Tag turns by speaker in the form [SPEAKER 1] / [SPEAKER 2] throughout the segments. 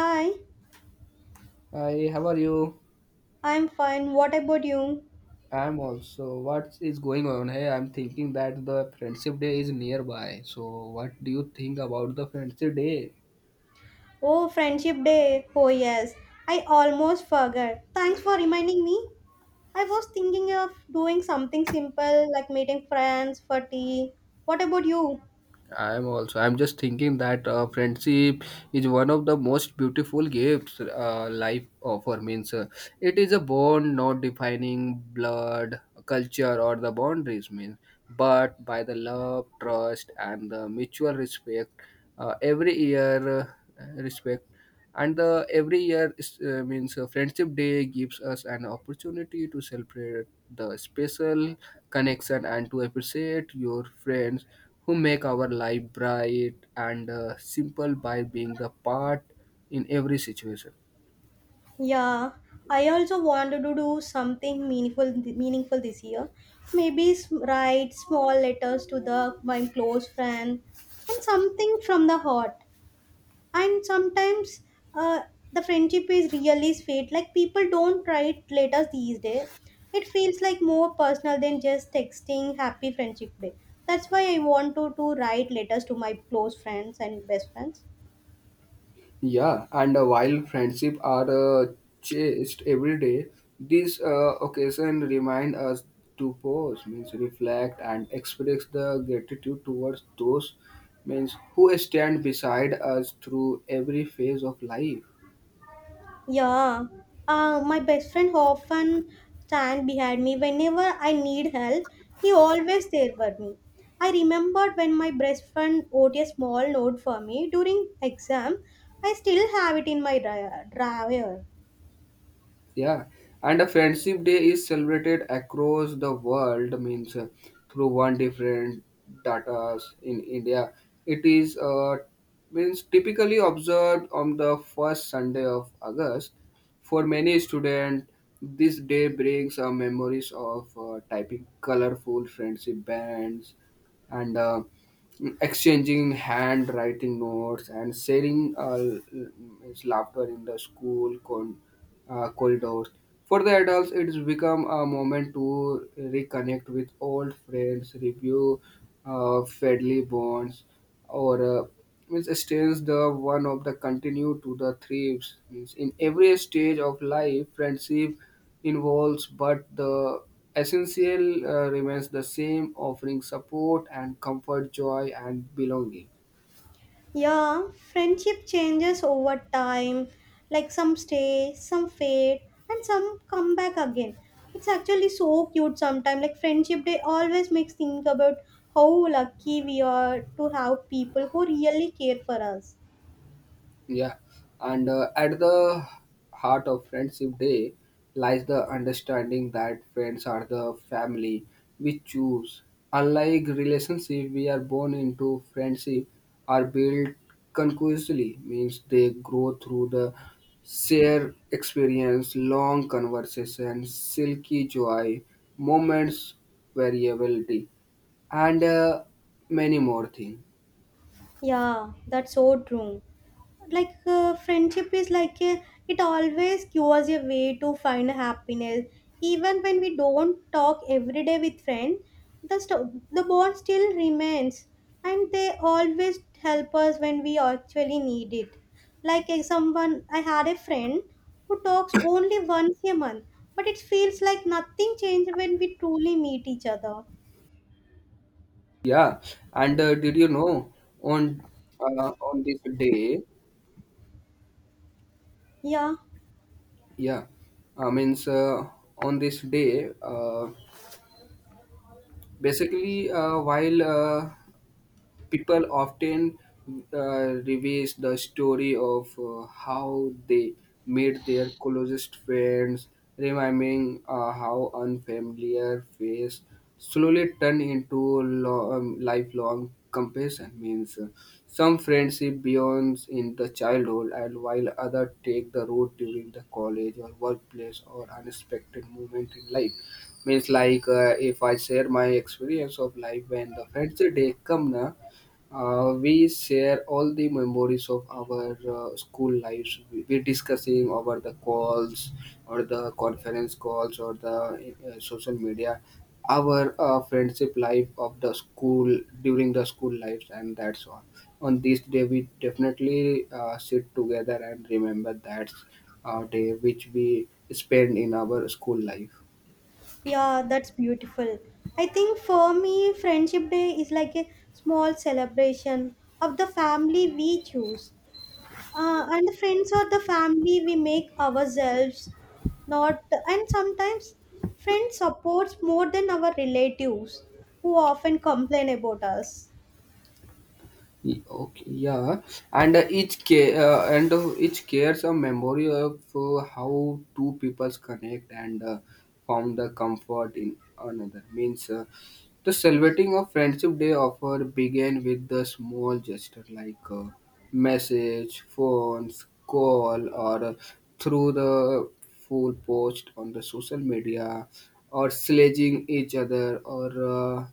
[SPEAKER 1] Hi,
[SPEAKER 2] Hi, how are you?
[SPEAKER 1] I'm fine. What about you?
[SPEAKER 2] I'm also. What is going on? Hey, I'm thinking that the Friendship Day is nearby. So, what do you think about the Friendship Day?
[SPEAKER 1] Oh, Friendship Day. Oh, yes. I almost forgot. Thanks for reminding me. I was thinking of doing something simple like meeting friends for tea. What about you?
[SPEAKER 2] I'm also. I'm just thinking that friendship is one of the most beautiful gifts life offer. Means it is a bond not defining blood, culture, or the boundaries. Means, but by the love, trust, and the mutual respect, every year respect. And every year means friendship day gives us an opportunity to celebrate the special connection and to appreciate your friends who make our life bright and simple by being a part in every situation.
[SPEAKER 1] Yeah, I also wanted to do something meaningful this year. Maybe write small letters to the my close friend and something from the heart. And sometimes, uh, the friendship is really sweet. Like people don't write letters these days, it feels like more personal than just texting happy Friendship Day. That's why I want to write letters to my close friends and best friends.
[SPEAKER 2] Yeah, and while friendship are chased every day, this occasion remind us to pause, means reflect and express the gratitude towards those means who stand beside us through every phase of life.
[SPEAKER 1] Yeah. My best friend often stand behind me whenever I need help. He always there for me. I remembered when my best friend wrote a small note for me during exam. I still have it in my drawer.
[SPEAKER 2] Yeah, and a friendship day is celebrated across the world, means through one different datas in India. It is means typically observed on the first Sunday of August. For many students, this day brings memories of typing colorful friendship bands and exchanging handwriting notes and sharing is laughter in the school corridors. For the adults, it's become a moment to reconnect with old friends, review friendly bonds, or means stays the one of the continue to the thrives means in every stage of life friendship involves but the essential remains the same offering support and comfort joy and belonging.
[SPEAKER 1] Yeah, friendship changes over time. Like some stay, some fade, and some come back again. It's actually so cute sometimes. Like Friendship Day always makes think about how lucky we are to have people who really care for us.
[SPEAKER 2] Yeah, and at the heart of Friendship Day lies the understanding that friends are the family we choose. Unlike relationship, we are born into friendship are built continuously means they grow through the share experience, long conversations, silky joy, moments, variability, and many more things.
[SPEAKER 1] Yeah, that's so true. Like, friendship is like it always gives a way to find happiness even when we don't talk every day with friends. The bond still remains, and they always help us when we actually need it. Like if someone, I had a friend who talks only once a month, but it feels like nothing changed when we truly meet each other.
[SPEAKER 2] Yeah, and did you know on on this day?
[SPEAKER 1] Yeah.
[SPEAKER 2] Yeah, means on this day, basically, while people often reveals the story of how they made their closest friends, remembering how unfamiliar face slowly turn into lifelong compassion. Means some friendship beyond in the childhood, and while other take the road during the college or workplace or unexpected moment in life means like if I share my experience of life when the friendship day come na we share all the memories of our school lives. We discussing over the calls, or the conference calls, or the social media. Our friendship life of the school during the school lives, and that's all. On this day, we definitely sit together and remember that day which we spend in our school life.
[SPEAKER 1] Yeah, that's beautiful. I think for me, Friendship Day is like a small celebration of the family we choose. And the friends or the family we make ourselves, not. And sometimes friends supports more than our relatives who often complain about us.
[SPEAKER 2] Okay, yeah, and each cares a memory of how two peoples connect and found the comfort in another. Means the celebrating of Friendship Day offer began with the small gesture like message, phones, call, or through the full post on the social media, or sledging each other, or uh,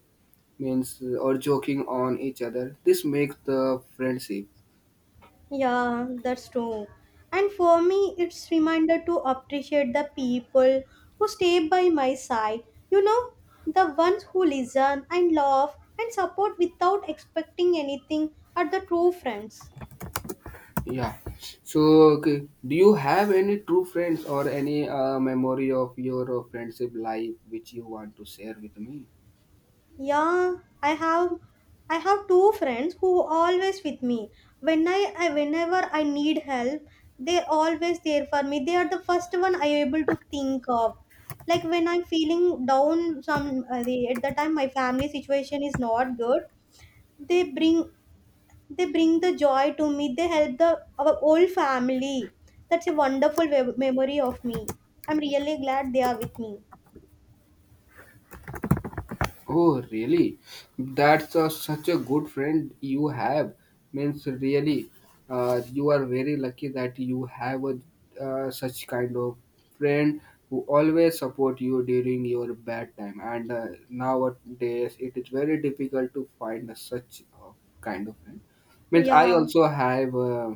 [SPEAKER 2] means uh, or joking on each other. This makes the friendship.
[SPEAKER 1] Yeah, that's true. And for me, it's reminder to appreciate the people who stay by my side. You know, the ones who listen and love and support without expecting anything are the true friends.
[SPEAKER 2] Yeah. So, okay, do you have any true friends or any memory of your friendship life which you want to share with me?
[SPEAKER 1] Yeah, I have I have two friends who always with me. When I whenever I need help, they're always there for me. They are the first one I able to think of. Like when I'm feeling down some, at the time my family situation is not good, they bring they bring the joy to me. They help the our whole family. That's a wonderful memory of me. I'm really glad they are with me.
[SPEAKER 2] Oh, really? That's such a good friend you have. Means really, you are very lucky that you have a such kind of friend who always support you during your bad time. And nowadays, it is very difficult to find such kind of friend means I
[SPEAKER 1] Yeah.
[SPEAKER 2] also have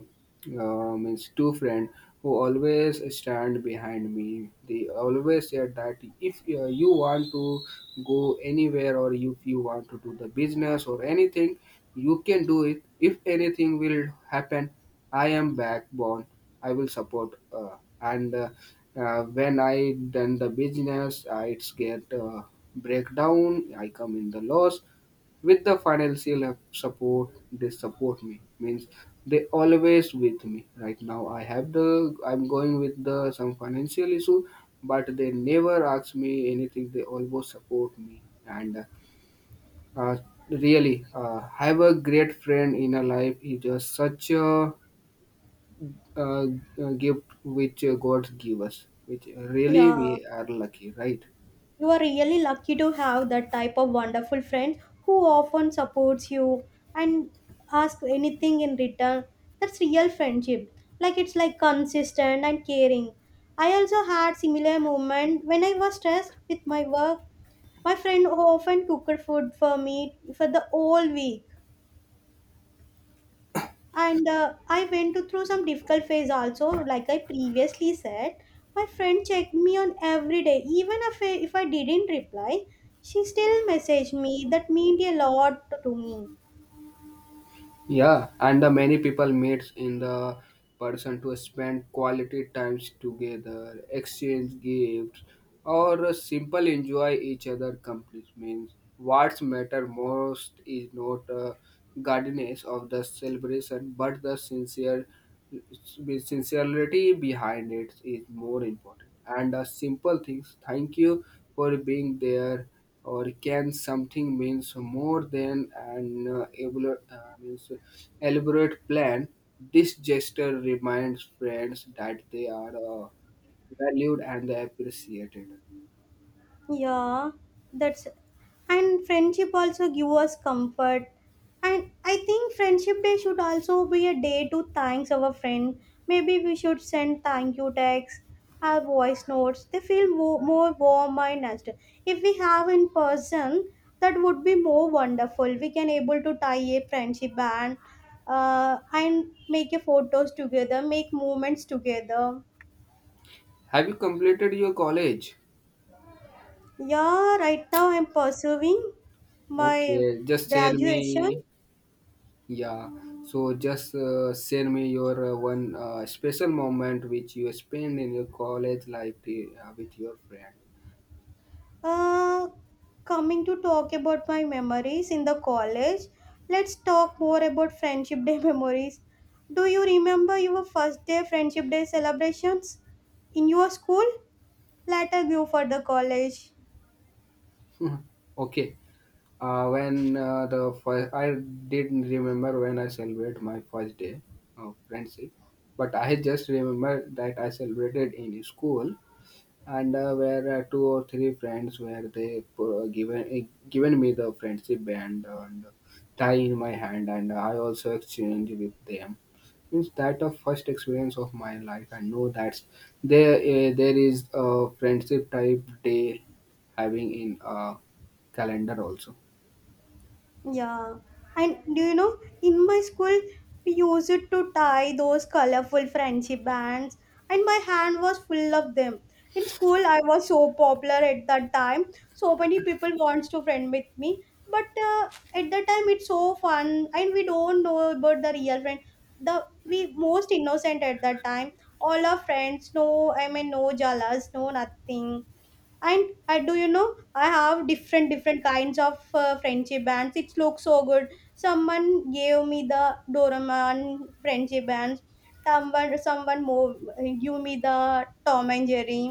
[SPEAKER 2] means two friend who always stand behind me. They always said that if you want to go anywhere or if you want to do the business or anything, you can do it. If anything will happen, I am backbone. I will support. And when I done the business, I it's get breakdown. I come in the loss with the financial help, support they support me means they always with me right now I have the I'm going with the some financial issue but they never ask me anything they always support me and uh, really have a great friend in a life is a, such a uh, gift which god give us which really we
[SPEAKER 1] Yeah.
[SPEAKER 2] are lucky right.
[SPEAKER 1] You are really lucky to have that type of wonderful friend who often supports you and asks anything in return. That's real friendship. Like it's like consistent and caring. I also had similar moment when I was stressed with my work. My friend often cooked food for me for the whole week, and I went to through some difficult phase also, like I previously said. My friend checked me on every day, even if I didn't reply. She still messaged me, that meant a lot to me.
[SPEAKER 2] Yeah, and the many people meets in the person to spend quality times together, exchange gifts, or simple enjoy each other company. Means what's matter most is not guardians of the celebration, but the sincerity behind it is more important. And the simple things, thank you for being there, or can something means more than an able, means elaborate plan. This gesture reminds friends that they are valued and appreciated.
[SPEAKER 1] Yeah, that's and friendship also give us comfort. And I think Friendship Day should also be a day to thanks our friend. Maybe we should send thank you texts or voice notes. They feel more warm and natural. If we have in person, that would be more wonderful. We can able to tie a friendship band, and make a photos together, make moments together.
[SPEAKER 2] Have you completed your college?
[SPEAKER 1] Yeah, right now I'm pursuing my
[SPEAKER 2] Okay, just tell
[SPEAKER 1] graduation.
[SPEAKER 2] me. Yeah, so just share me your one special moment which you spend in your college life with your friend.
[SPEAKER 1] Uh, Coming to talk about my memories in the college, let's talk more about Friendship Day memories. Do you remember your first day Friendship Day celebrations in your school? Later, go for the college.
[SPEAKER 2] Okay, when the first, I didn't remember when I celebrate my first day of friendship, but I just remember that I celebrated in school and where two or three friends where they given me the friendship band and tie in my hand and I also exchange with them. It's that a first experience of my life, and know that there is a friendship type day having in a calendar also.
[SPEAKER 1] Yeah, and do you know, in my school, we used to tie those colorful friendship bands, and my hand was full of them. In school, I was so popular at that time. So many people wants to friend with me, but at that time, it's so fun, and we don't know about the real friend. The we most innocent at that time. All our friends, no, I mean, no jealous, no nothing. And I do you know I have different kinds of friendship bands. It looks so good. Someone gave me the Doraemon friendship bands. Someone more give me the Tom and Jerry.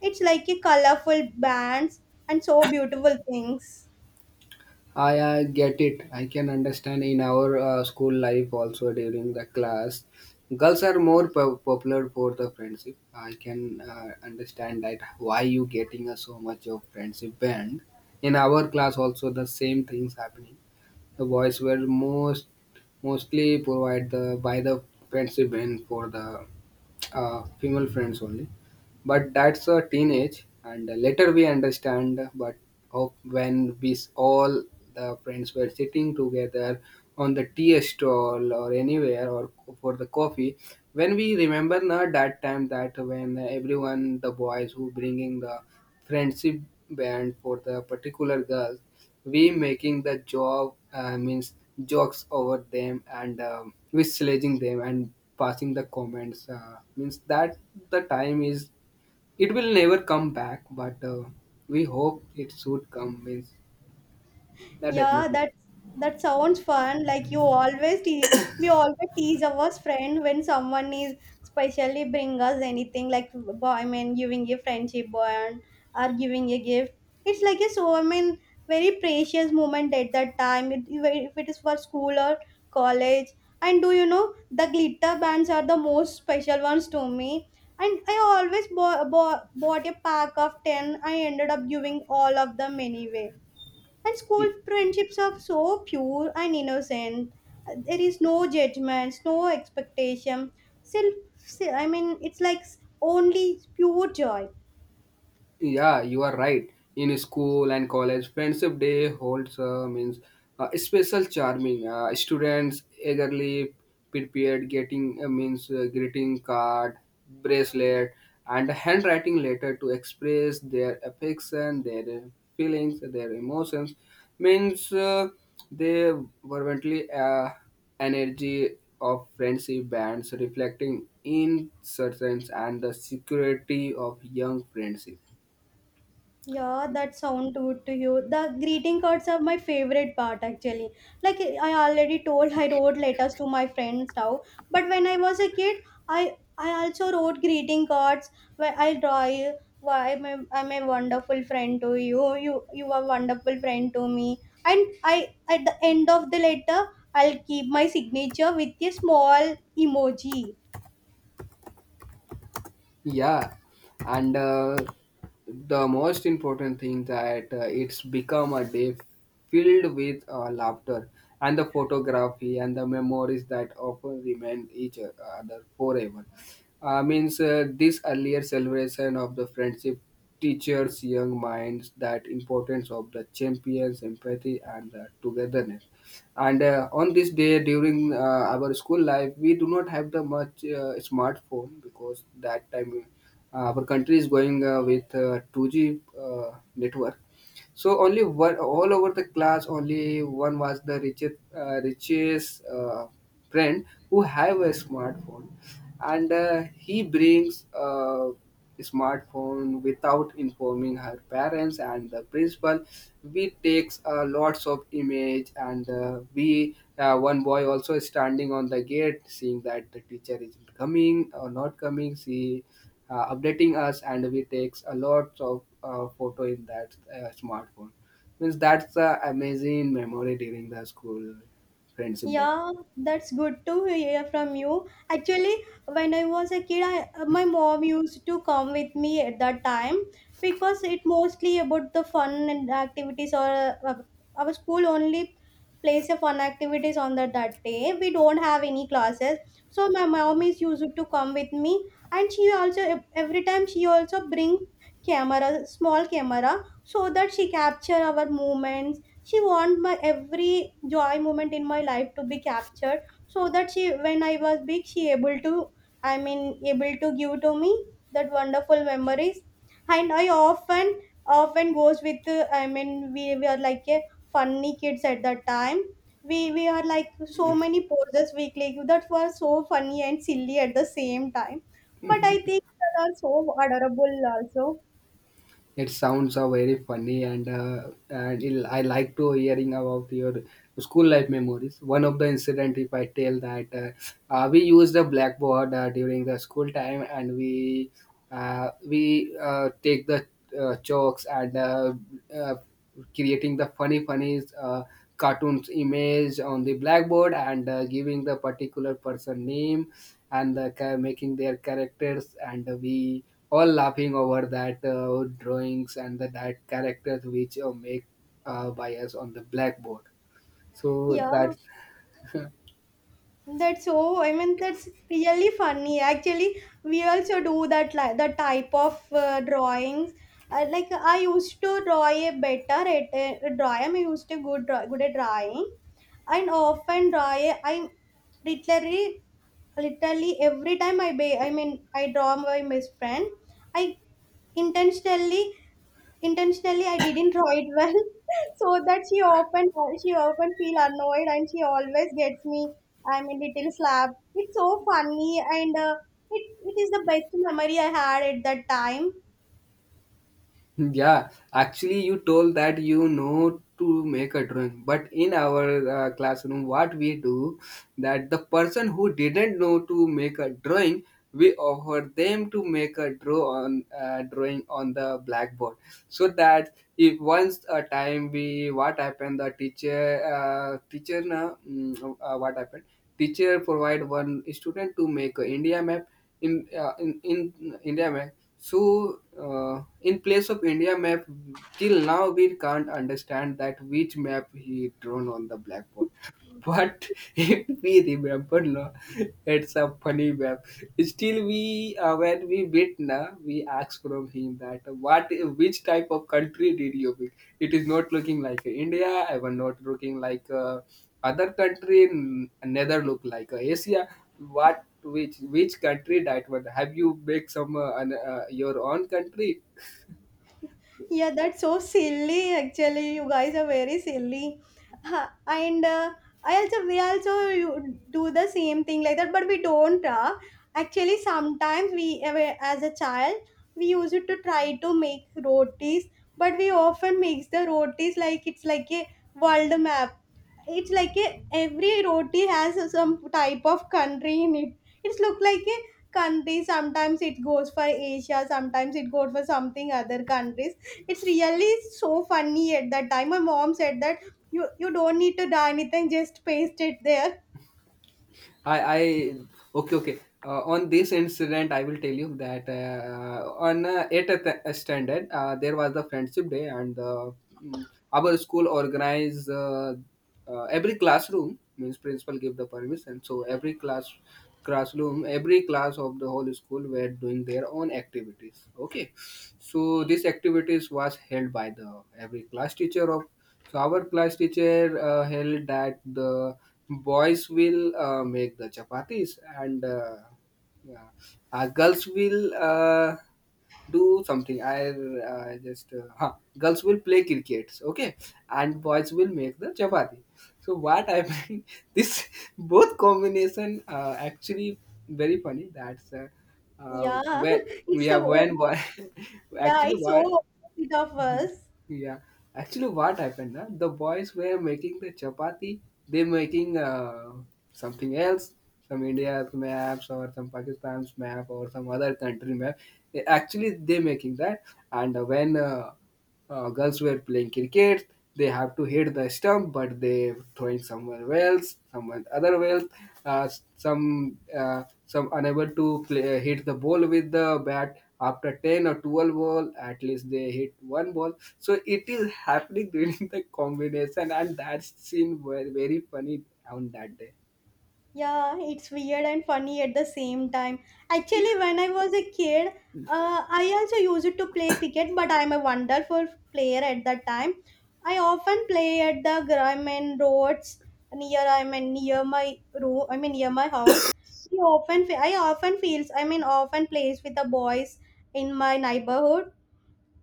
[SPEAKER 1] It's like a colorful bands and so beautiful things.
[SPEAKER 2] I get it. I can understand in our school life also during the class, girls are more popular for the friendship. I can understand that why you getting a so much of friendship band. In our class also the same things happening. The voice were mostly provided the, by the friendship and for the female friends only. But that's a teenage, and later we understand. But of when we all the friends were sitting together on the tea stall or anywhere or for the coffee, when we remember now that time that when everyone the boys who bringing the friendship band for the particular girl we making the job means jokes over them and we sledging them and passing the comments means that the time is it will never come back but we hope it should come means that
[SPEAKER 1] Yeah,
[SPEAKER 2] definitely.
[SPEAKER 1] that sounds fun. Like you always te we always tease our friend when someone is specially bring us anything, like giving a friendship bond or giving a gift. It's like a, very precious moment at that time. If it is for school or college. And do you know the glitter bands are the most special ones to me. And I always bo bo bought a pack of 10. I ended up giving all of them anyway, and school
[SPEAKER 2] Hmm.
[SPEAKER 1] friendships are so pure and innocent. There is no judgments, no expectation. Self, it's like only pure joy.
[SPEAKER 2] Yeah, you are right. In school and college, Friendship Day holds means special charming. Students eagerly prepared getting means greeting card, bracelet, and handwriting letter to express their affection, their feelings, their emotions. Means they fervently energy of friendship bands reflecting in certain and the security of young friendship.
[SPEAKER 1] Yeah, that sound good to you. The greeting cards are my favorite part actually. Like I already told, I wrote letters to my friends now. But when I was a kid, I also wrote greeting cards where I draw you why I'm a wonderful friend to you. You are wonderful friend to me. And I at the end of the letter I'll keep my signature with a small emoji.
[SPEAKER 2] Yeah, and the most important thing that it's become a day filled with laughter and the photography and the memories that often remain each other forever. Means this earlier celebration of the friendship teaches young minds that importance of the champions, empathy, and the togetherness and on this day during our school life we do not have the much smartphone because that time our country is going with 2G network so only one, all over the class, only one was the richest friend who have a smartphone, and he brings a smartphone without informing her parents and the principal. We takes lots of image, and we one boy also is standing on the gate, seeing that the teacher is coming or not coming. She updating us and we takes a lot of photo in that smartphone means that's the amazing memory during the school friendship day.
[SPEAKER 1] Yeah, that's good to hear from you. Actually, when I was a kid, my mom used to come with me at that time because it mostly about the fun and activities, or our school only plays a fun activities on that day. We don't have any classes. So my mom is used to come with me, and she also every time she also bring camera, small camera so that she capture our movements. She want my every joy moment in my life to be captured so that she when I was big she able to, i mean able to give to me that wonderful memories. And I often goes with, we, are like a funny kids at that time. We are like so many poses we click that were so funny and silly at the same time. But I think that are so adorable also.
[SPEAKER 2] It sounds very funny, and and I like to hearing about your school life memories. One of the incident, if I tell that we used the blackboard during the school time, and we take the chalks and uh, creating the funny cartoons image on the blackboard and giving the particular person name and the, making their characters and we all laughing over that drawings and the that characters which make by us on the blackboard so
[SPEAKER 1] Yeah.
[SPEAKER 2] that.
[SPEAKER 1] That's so. I mean, that's really funny. Actually, we also do that, like the type of drawings. Like I used to draw a better at draw. I'm used to good draw, good at drawing, and often draw. I'm literally literally every time I draw my best friend. I intentionally intentionally I didn't draw it well so that she often feel annoyed, and she always gets me, little slap. It's so funny, and it, it is the best memory I had at that time.
[SPEAKER 2] Yeah, actually, you told that you know to make a drawing, but in our classroom, what we do that the person who didn't know to make a drawing, we offer them to make a draw on drawing on the blackboard, so that if once a time we what happened the teacher what happened teacher provide one student to make a India map in in India map so, in place of India map, till now we can't understand that which map he drawn on the blackboard. But if we remember, no, it's a funny map. Still, we when we meet, we ask from him that which type of country did you visit? It is not looking like India. I was not looking like other country. Neither look like Asia. Which country that one? Have you make your own country?
[SPEAKER 1] Yeah, that's so silly. Actually, you guys are very silly. And I also we also do the same thing like that, but we don't. Actually, sometimes we, as a child we used to try to make rotis, but we often makes the rotis like it's like a world map. It's like a every roti has some type of country in it. It's look like a country. Sometimes it goes for Asia, sometimes it goes for something other countries. It's really so funny. At that time my mom said that you don't need to do anything, just paste it there.
[SPEAKER 2] I okay, okay. On this incident, I will tell you that on eighth standard, there was the friendship day, and mm, our school organized every classroom means principal give the permission, so every class classroom, every class of the whole school were doing their own activities. Okay, so these activities was held by the every class teacher of so our class teacher held that the boys will make the chapatis and yeah, girls will do something. Girls will play cricket, okay, and boys will make the chapati. So what I mean, this both combination actually very funny. That's
[SPEAKER 1] Yeah.
[SPEAKER 2] When we
[SPEAKER 1] it's a
[SPEAKER 2] have when boy
[SPEAKER 1] Yeah,
[SPEAKER 2] actually
[SPEAKER 1] it's
[SPEAKER 2] what.
[SPEAKER 1] so opposite of
[SPEAKER 2] Mhm.
[SPEAKER 1] us.
[SPEAKER 2] Yeah, actually, what happened? Huh? The boys were making the chapati. They making something else, some India's maps or some Pakistan's map or some other country map. Actually, they making that. And when girls were playing cricket, they have to hit the stump, but they throw it somewhere else, someone other else. Uh, some unable to play, hit the ball with the bat after 10 or 12 ball at least they hit one ball, so it is happening during the combination, and that's seen very, very funny on that day.
[SPEAKER 1] Yeah, it's weird and funny at the same time. Actually, when I was a kid, I also used to play cricket, but I'm a wonderful player at that time. I often play at the Grumman roads near, I mean, near my room. I mean near my house. I often feels, I mean, often plays with the boys in my neighborhood.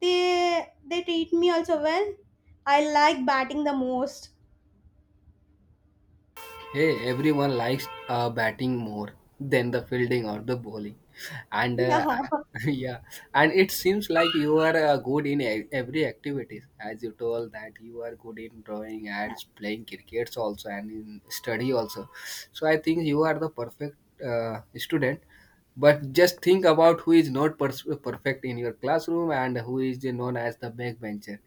[SPEAKER 1] They treat me also well. I like batting the most.
[SPEAKER 2] Hey, everyone likes batting more than the fielding or the bowling, and
[SPEAKER 1] Yeah.
[SPEAKER 2] yeah, and it seems like you are good in every activities. As you told that you are good in drawing ads, playing crickets also, and in study also. So I think you are the perfect student. But just think about who is not perfect in your classroom and who is known as the backbencher.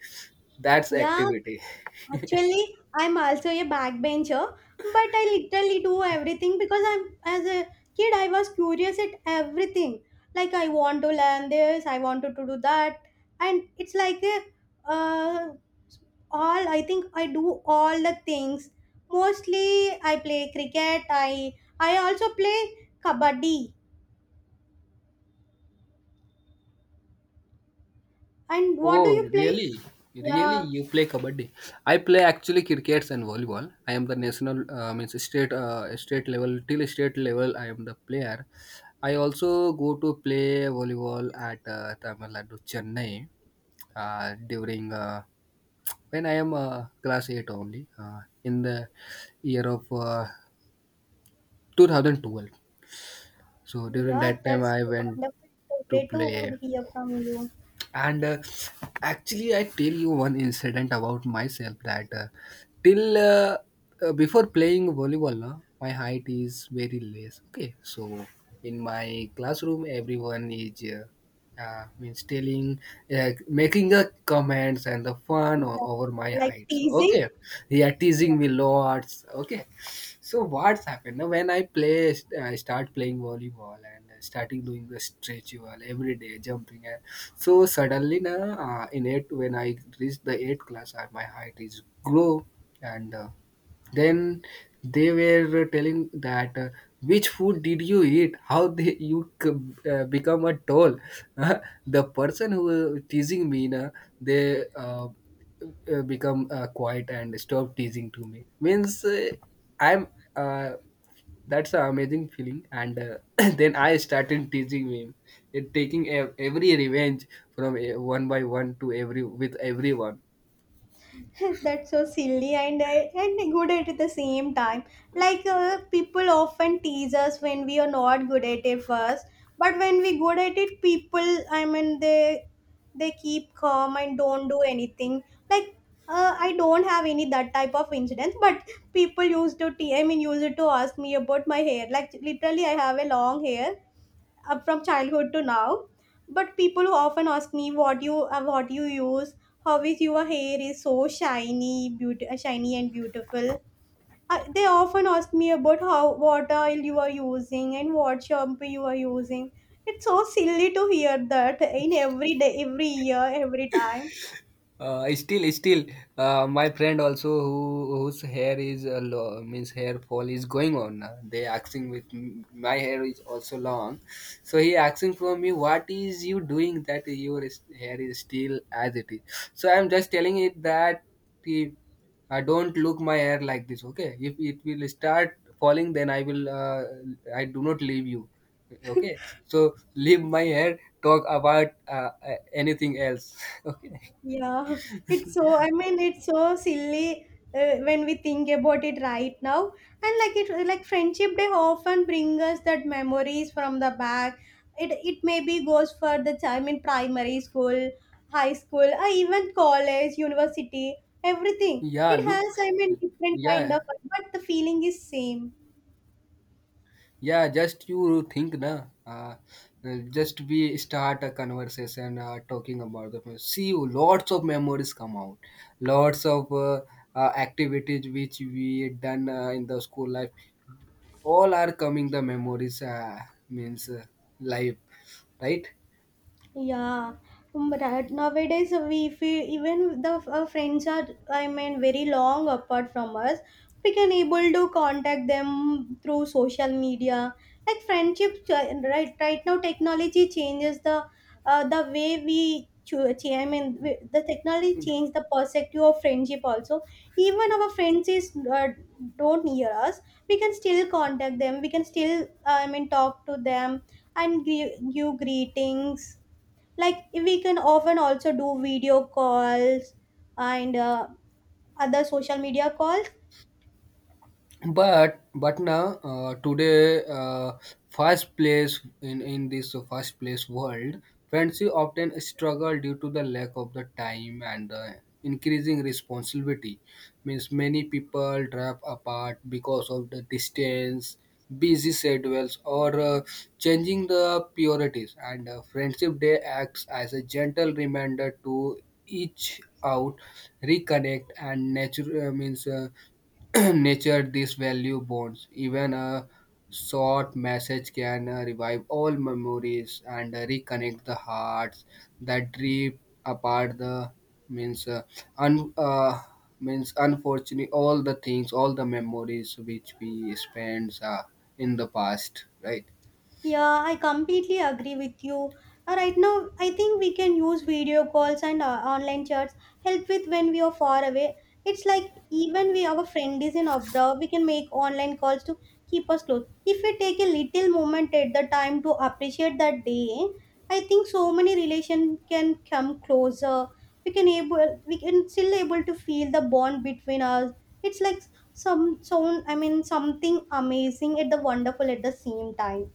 [SPEAKER 2] That's
[SPEAKER 1] Yeah.
[SPEAKER 2] activity.
[SPEAKER 1] Actually, I'm also a backbencher, but I literally do everything because I'm as a kid I was curious at everything. Like I want to learn this, I wanted to do that, and it's like uh, all I think I do all the things. Mostly I play cricket. I also play kabaddi. And what do
[SPEAKER 2] Oh,
[SPEAKER 1] you play?
[SPEAKER 2] really? Really,
[SPEAKER 1] Yeah,
[SPEAKER 2] you play kabaddi? I play actually crickets and volleyball. I am the national, means state, state level, till state level. I am the player. I also go to play volleyball at Tamil Nadu, Chennai, during when I am class eight only in the year of 2012. So during
[SPEAKER 1] yeah,
[SPEAKER 2] that time,
[SPEAKER 1] that's
[SPEAKER 2] I went
[SPEAKER 1] wonderful.
[SPEAKER 2] to
[SPEAKER 1] Great
[SPEAKER 2] play.
[SPEAKER 1] to hear from you.
[SPEAKER 2] And actually I tell you one incident about myself that till before playing volleyball, na, my height is very less, okay, so in my classroom everyone is yeah, means telling, making the comments and the fun
[SPEAKER 1] Yeah,
[SPEAKER 2] over my
[SPEAKER 1] like
[SPEAKER 2] height. So okay,
[SPEAKER 1] teasing.
[SPEAKER 2] yeah,
[SPEAKER 1] Yeah.
[SPEAKER 2] teasing me lots. Okay, so what's happened now? When I play, I start playing volleyball and starting doing the stretch wall every day, jumping. And so suddenly, now in it when I reached the eighth class, my height is grow. And. Then they were telling that which food did you eat? How they, become a toll? The person who was teasing me, na, they become quiet and stop teasing to me. Means I'm uh, that's an amazing feeling. And then I started teasing him, taking every revenge from one by one, to every, with everyone.
[SPEAKER 1] That's so silly and and good at the same time. Like people often tease us when we are not good at it first, but when we good at it, people, I mean, they keep calm and don't do anything. Like I don't have any that type of incidents, but people used to te- I mean used to ask me about my hair. Like literally, I have a long hair, from childhood to now, but people who often ask me what you use. How is your hair is so shiny, beauty shiny and beautiful. They often ask me about how what oil you are using and what shampoo you are using. It's so silly to hear that in every day every year every time.
[SPEAKER 2] I still, my friend also, who whose hair is low, means hair fall is going on now. They asking with my hair is also long, so he asking from me what is you doing that your hair is still as it is. So I'm just telling it that he, I don't look my hair like this. Okay, if it will start falling, then I will. I do not leave you. Okay, so leave my hair. Talk about anything else. Okay.
[SPEAKER 1] Yeah, it's so, I mean, it's so silly when we think about it right now. And like like Friendship Day often bring us that memories from the back. It maybe goes for the time in primary school, high school, or even college, university, everything.
[SPEAKER 2] Yeah,
[SPEAKER 1] It
[SPEAKER 2] look,
[SPEAKER 1] has, I mean, different kind of,
[SPEAKER 2] yeah,
[SPEAKER 1] but the feeling is same.
[SPEAKER 2] yeah, just you think, na, just we start a conversation talking about the. See, lots of memories come out, lots of activities which we done in the school life, all are coming the memories, means life, right?
[SPEAKER 1] Yeah, but nowadays, we if we, even the our friends are, I mean, very long apart from us, we can able to contact them through social media. Like friendship, right? Right now, technology changes the way we. Cho- cha- I mean, we- the technology changed the perspective of friendship also. Even our friends is uh, don't near us. We can still contact them. We can still, I mean, talk to them and give greetings. Like we can often also do video calls and other social media calls.
[SPEAKER 2] But now today, fast place in this fast place world, friendship often struggle due to the lack of the time and the increasing responsibility. Means many people drive apart because of the distance, busy schedules, or changing the priorities. And friendship day acts as a gentle reminder to each out, reconnect and nature, means nature these value bonds. Even a short message can revive all memories and reconnect the hearts that drift apart. The means un means Unfortunately, all the things, all the memories which we spent in the past, right?
[SPEAKER 1] Yeah, I completely agree with you. Right now, I think we can use video calls and online chats help with when we are far away. It's like even we our friend is in abroad, we can make online calls to keep us close. If we take a little moment at the time to appreciate that day, I think so many relation can come closer. We can still able to feel the bond between us. It's like something amazing at the wonderful at the same time.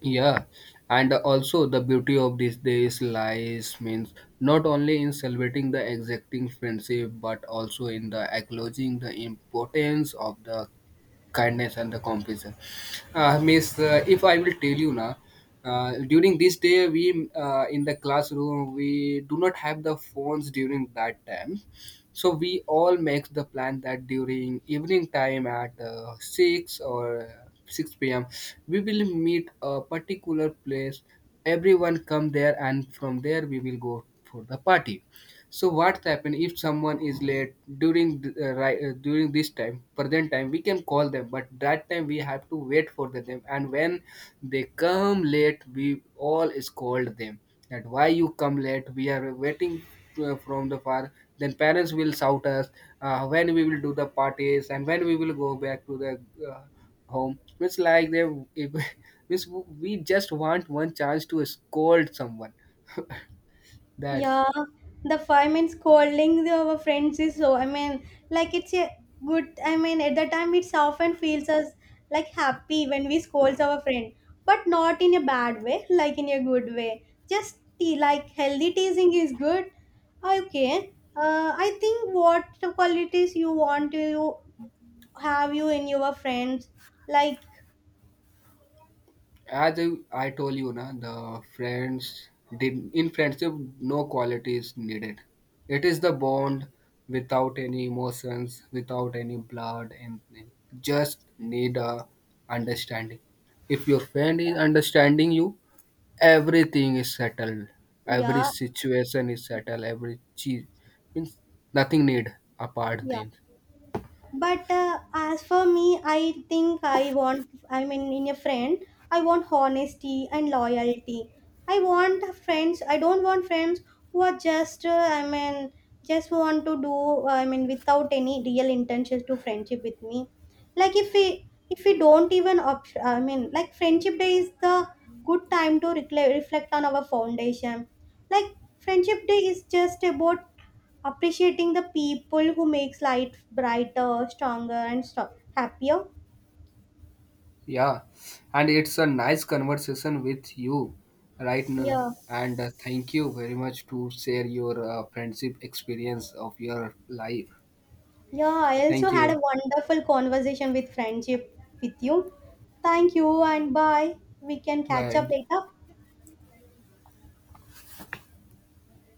[SPEAKER 2] Yeah, and also the beauty of these days lies means not only in celebrating the exacting friendship but also in the acknowledging the importance of the kindness and the compassion. If I will tell you now, during this day we in the classroom we do not have the phones during that time, so we all make the plan that during evening time at 6 p.m. we will meet a particular place. Everyone come there, and from there we will go for the party. So what happen if someone is late during during this time, present time? We can call them, but that time we have to wait for them. And when they come late, we all scold them that why you come late? We are waiting from the far. Then parents will shout us when we will do the parties and when we will go back to the uh, home. It's like they if, it's, we just want one chance to scold someone. That's.
[SPEAKER 1] Yeah, the 5 minutes calling our friends is so. I mean, like it's a good. I mean, at the time, it's often feels us like happy when we scold our friend, but not in a bad way, like in a good way. Just like healthy teasing is good. Okay. I think what qualities you want to have you in your friends, like
[SPEAKER 2] As I told you, na, the friends did in friendship, no quality is needed. It is the bond, without any emotions, without any blood, anything. Just need a understanding. If your friend is understanding you, everything is settled. Every
[SPEAKER 1] yeah,
[SPEAKER 2] situation is settled, every cheese means nothing need apart
[SPEAKER 1] yeah.
[SPEAKER 2] then.
[SPEAKER 1] But as for me I think I want, in a friend I want honesty and loyalty. I don't want friends who are just, want to do, without any real intentions to friendship with me. Like if we don't even like Friendship Day is the good time to reflect on our foundation. Like Friendship Day is just about appreciating the people who makes life brighter, stronger, and happier.
[SPEAKER 2] Yeah, and it's a nice conversation with you right now.
[SPEAKER 1] Yeah.
[SPEAKER 2] And thank you very much to share your friendship experience of your life.
[SPEAKER 1] Yeah, I also
[SPEAKER 2] Thank
[SPEAKER 1] had a
[SPEAKER 2] you.
[SPEAKER 1] wonderful conversation with friendship with you. Thank you and bye. We can catch up
[SPEAKER 2] Bye.
[SPEAKER 1] later.